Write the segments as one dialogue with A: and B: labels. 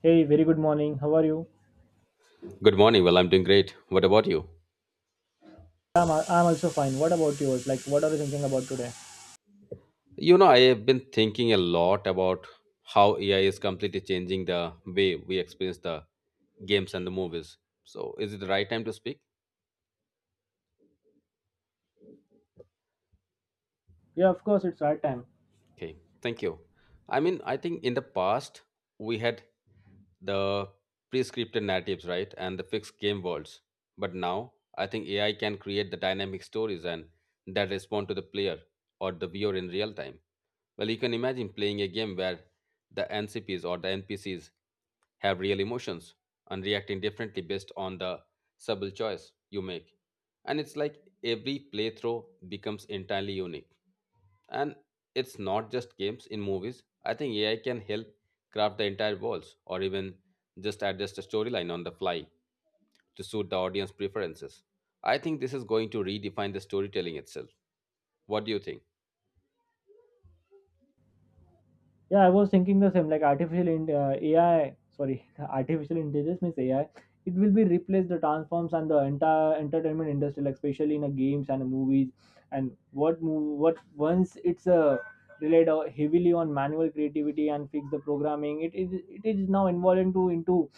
A: Hey, very good morning. How are you?
B: Good morning. Well, I'm doing great. What about you?
A: I'm also fine. What about yours? Like, what are you thinking about today?
B: I have been thinking a lot about how AI is completely changing the way we experience the games and the movies. So, is it the right time to speak?
A: Yeah, of course, it's our time.
B: Okay, thank you. I mean, I think in the past, we had the pre-scripted narratives, right? And the fixed game worlds. But now, I think AI can create the dynamic stories and that respond to the player or the viewer in real time. Well, you can imagine playing a game where the NCPs or the NPCs have real emotions and reacting differently based on the subtle choice you make. And it's like every playthrough becomes entirely unique. And it's not just games in movies. I think AI can help craft the entire worlds or even just adjust a storyline on the fly to suit the audience preferences. I think this is going to redefine the storytelling itself. What do you think?
A: Yeah, I was thinking the same. Like, AI, sorry, artificial intelligence means AI. It will be replace the transforms and the entire entertainment industry, like especially in the games and the movies. And what once it's relied heavily on manual creativity and fix the programming, it is now involved into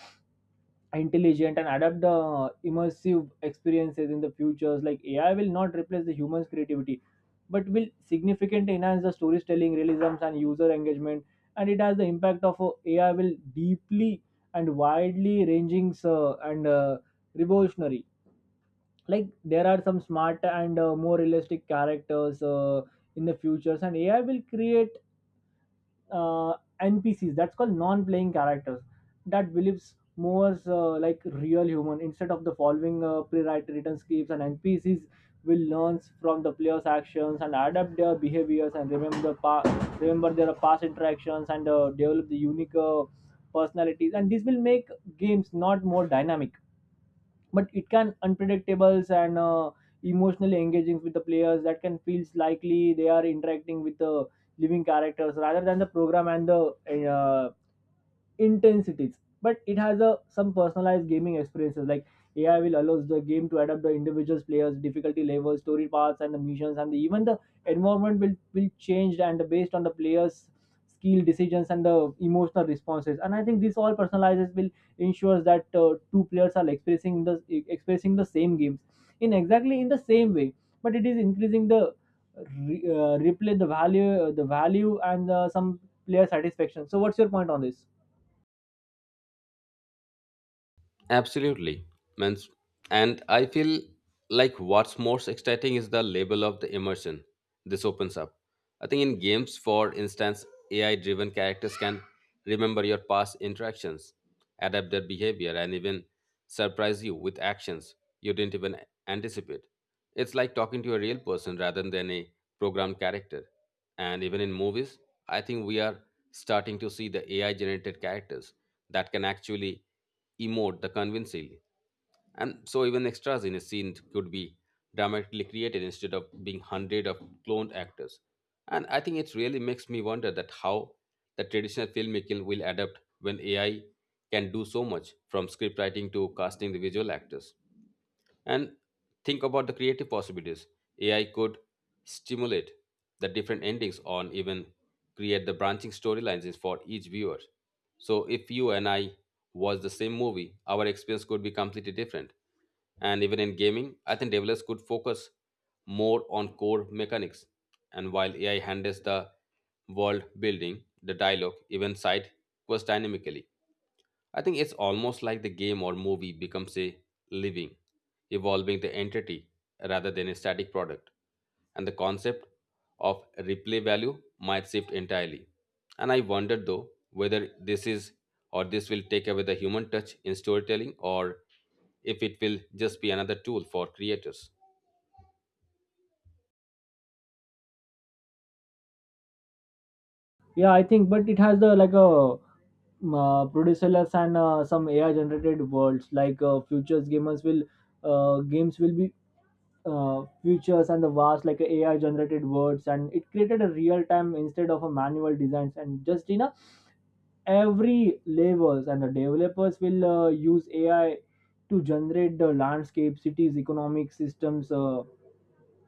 A: intelligent and adapt the immersive experiences in the futures. Like AI will not replace the humans creativity, but will significantly enhance the storytelling realisms and user engagement. And it has the impact of, AI will deeply and widely ranging, and revolutionary. Like there are some smart and, more realistic characters, in the futures, and AI will create uh, NPCs, that's called non-playing characters, that believes more, like real human, instead of the following pre-written scripts. And NPCs will learn from the player's actions and adapt their behaviors and remember remember their past interactions and develop the unique personalities. And this will make games not more dynamic, but it can unpredictables and, emotionally engaging, with the players that can feels likely they are interacting with the living characters rather than the program and the, intensities. But it has a some personalized gaming experiences. Like AI will allows the game to adapt the individual players difficulty levels, story paths, and the missions, and even the environment will change and based on the players skill decisions and the emotional responses. And I think this all personalizes will ensures that, two players are expressing the same games in exactly in the same way. But it is increasing the replay the value and, some player satisfaction. So what's your point on this?
B: Absolutely. Means, and I feel like what's most exciting is the level of the immersion this opens up. I think in games, for instance, AI driven characters can remember your past interactions, adapt their behavior, and even surprise you with actions you didn't even anticipate. It's like talking to a real person rather than a programmed character. And even in movies, I think we are starting to see the AI generated characters that can actually emote the convincingly. And so even extras in a scene could be dramatically created instead of being hundred of cloned actors. And I think it really makes me wonder that how the traditional filmmaking will adapt when AI can do so much from script writing to casting the visual actors. And think about the creative possibilities. AI could stimulate the different endings on even create the branching storylines for each viewer. So if you and I watch the same movie, our experience could be completely different. And even in gaming, I think developers could focus more on core mechanics. And while AI handles the world building, the dialogue, even side quest dynamically. I think it's almost like the game or movie becomes a living, evolving the entity rather than a static product. And the concept of replay value might shift entirely. And I wonder though whether this is or this will take away the human touch in storytelling or if it will just be another tool for creators.
A: Yeah, I think, but it has the like a, producerless and, some AI generated worlds. Like futures gamers will, games will be, futures and the vast like AI generated worlds, and it created a real time instead of a manual designs. And just you know every levels, and the developers will use AI to generate the landscape, cities, economic systems.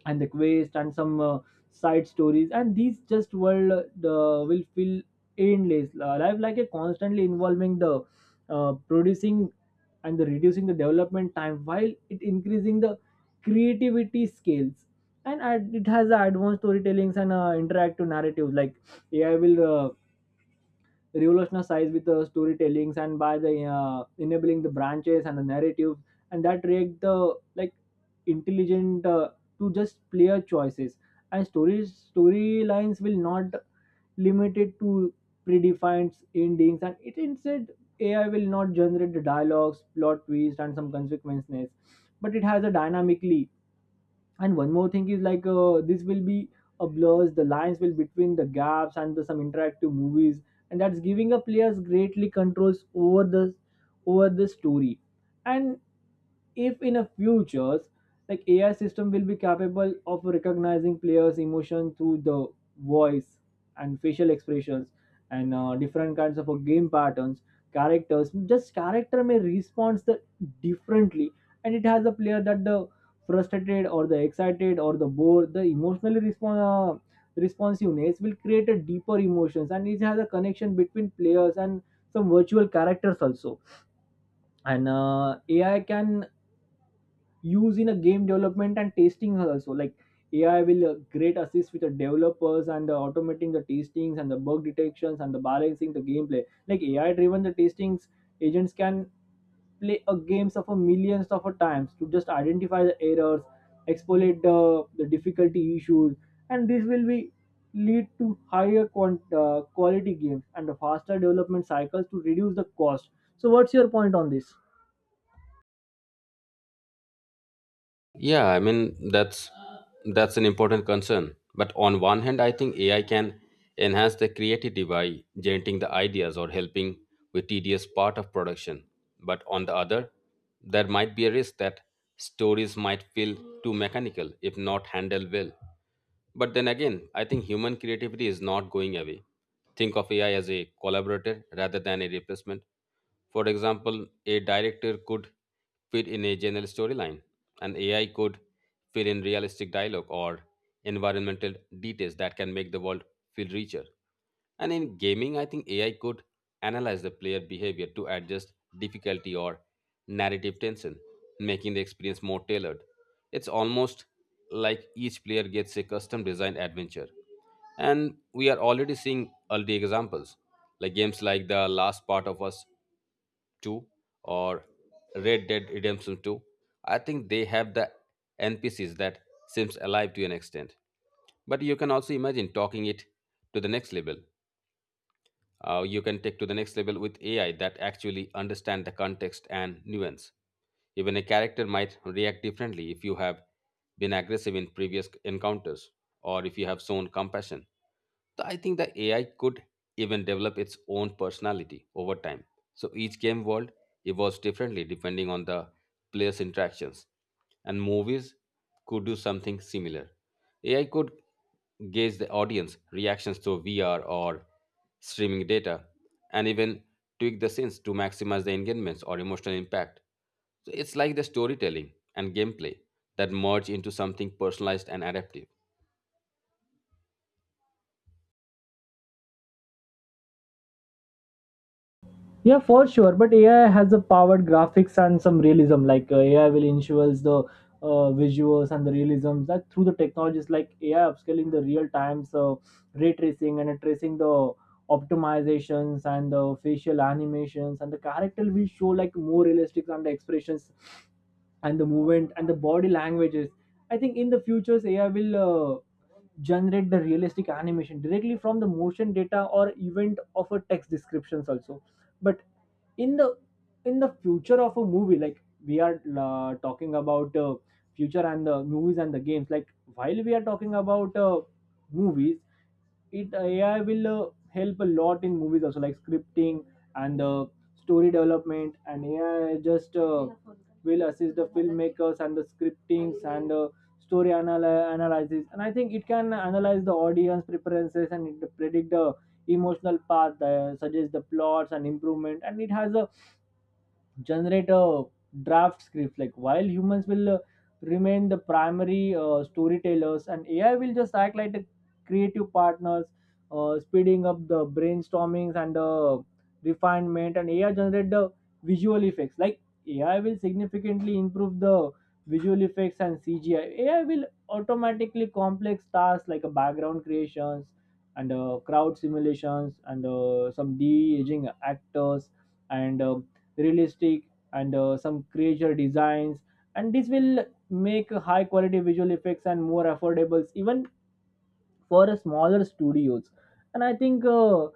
A: And the quest and some, side stories, and these just will feel endless. Life like a constantly involving the, producing and the reducing the development time, while it increasing the creativity skills. And it has the advanced storytellings and, interactive narratives. Like AI will, revolutionized with the storytellings and by the, enabling the branches and the narrative, and that create the like intelligent, to just player choices. And stories storylines will not limited to predefined endings. And it instead AI will not generate the dialogues, plot twists, and some consequences, but it has a dynamically. And one more thing is, like, this will be a blurs the lines will between the gaps and some interactive movies, and that's giving a players greatly controls over the story. And if in a futures, like AI system will be capable of recognizing players emotion through the voice and facial expressions and, different kinds of, game patterns. Characters just character may respond the differently. And it has a player that the frustrated or the excited or the bored, the emotionally response responsiveness will create a deeper emotions. And it has a connection between players and some virtual characters also. And, AI can use in a game development and testing also. Like AI will, great assist with the developers and the automating the testings and the bug detections and the balancing the gameplay. Like AI driven the testings agents can play a games of a millions of a times to just identify the errors, exfoliate the difficulty issues, and this will be lead to higher quality games and the faster development cycles to reduce the cost. So, what's your point on this?
B: Yeah, I mean that's an important concern. But on one hand, I think AI can enhance the creativity by generating the ideas or helping with tedious part of production. But on the other, there might be a risk that stories might feel too mechanical if not handled well. But then again, I think human creativity is not going away. Think of AI as a collaborator rather than a replacement. For example, a director could fit in a general storyline, and AI could fit in realistic dialogue or environmental details that can make the world feel richer. And in gaming, I think AI could analyze the player behavior to adjust difficulty or narrative tension, making the experience more tailored. It's almost like each player gets a custom designed adventure. And we are already seeing early examples, like games like The Last Part of Us 2 or Red Dead Redemption 2, I think they have the NPCs that seems alive to an extent. But you can also imagine talking it to the next level you can take to the next level with AI that actually understand the context and nuance. Even a character might react differently if you have been aggressive in previous encounters or if you have shown compassion. So I think the AI could even develop its own personality over time. So each game world evolves differently depending on the players' interactions. And movies could do something similar. AI could gauge the audience reactions to VR or streaming data and even tweak the scenes to maximize the engagements or emotional impact. So it's like the storytelling and gameplay that merge into something personalized and adaptive.
A: Yeah, for sure. But AI has a powered graphics and some realism. Like AI will ensures the, visuals and the realism that through the technologies, like AI upscaling the real time, so ray tracing and, tracing the optimizations, and the facial animations and the character will show like more realistic and the expressions and the movement and the body languages. I think in the futures AI will, uh, generate the realistic animation directly from the motion data or event of a text descriptions also. But in the future of a movie, like we are, talking about, future and the movies and the games. Like while we are talking about, movies, it AI will, help a lot in movies also, like scripting and, story development. And AI just, will assist the filmmakers and the scriptings and, analysis. And I think it can analyze the audience preferences and it predict the emotional path, suggest the plots and improvement. And it has a generate a draft script, like while humans will, remain the primary, storytellers, and AI will just act like the creative partners, speeding up the brainstormings and the refinement. And AI generate the visual effects. Like AI will significantly improve the visual effects and CGI. AI will automatically complex tasks, like a background creations and, crowd simulations and, some de-aging actors and, realistic and, some creature designs. And this will make high quality visual effects and more affordables, even for smaller studios. And I think,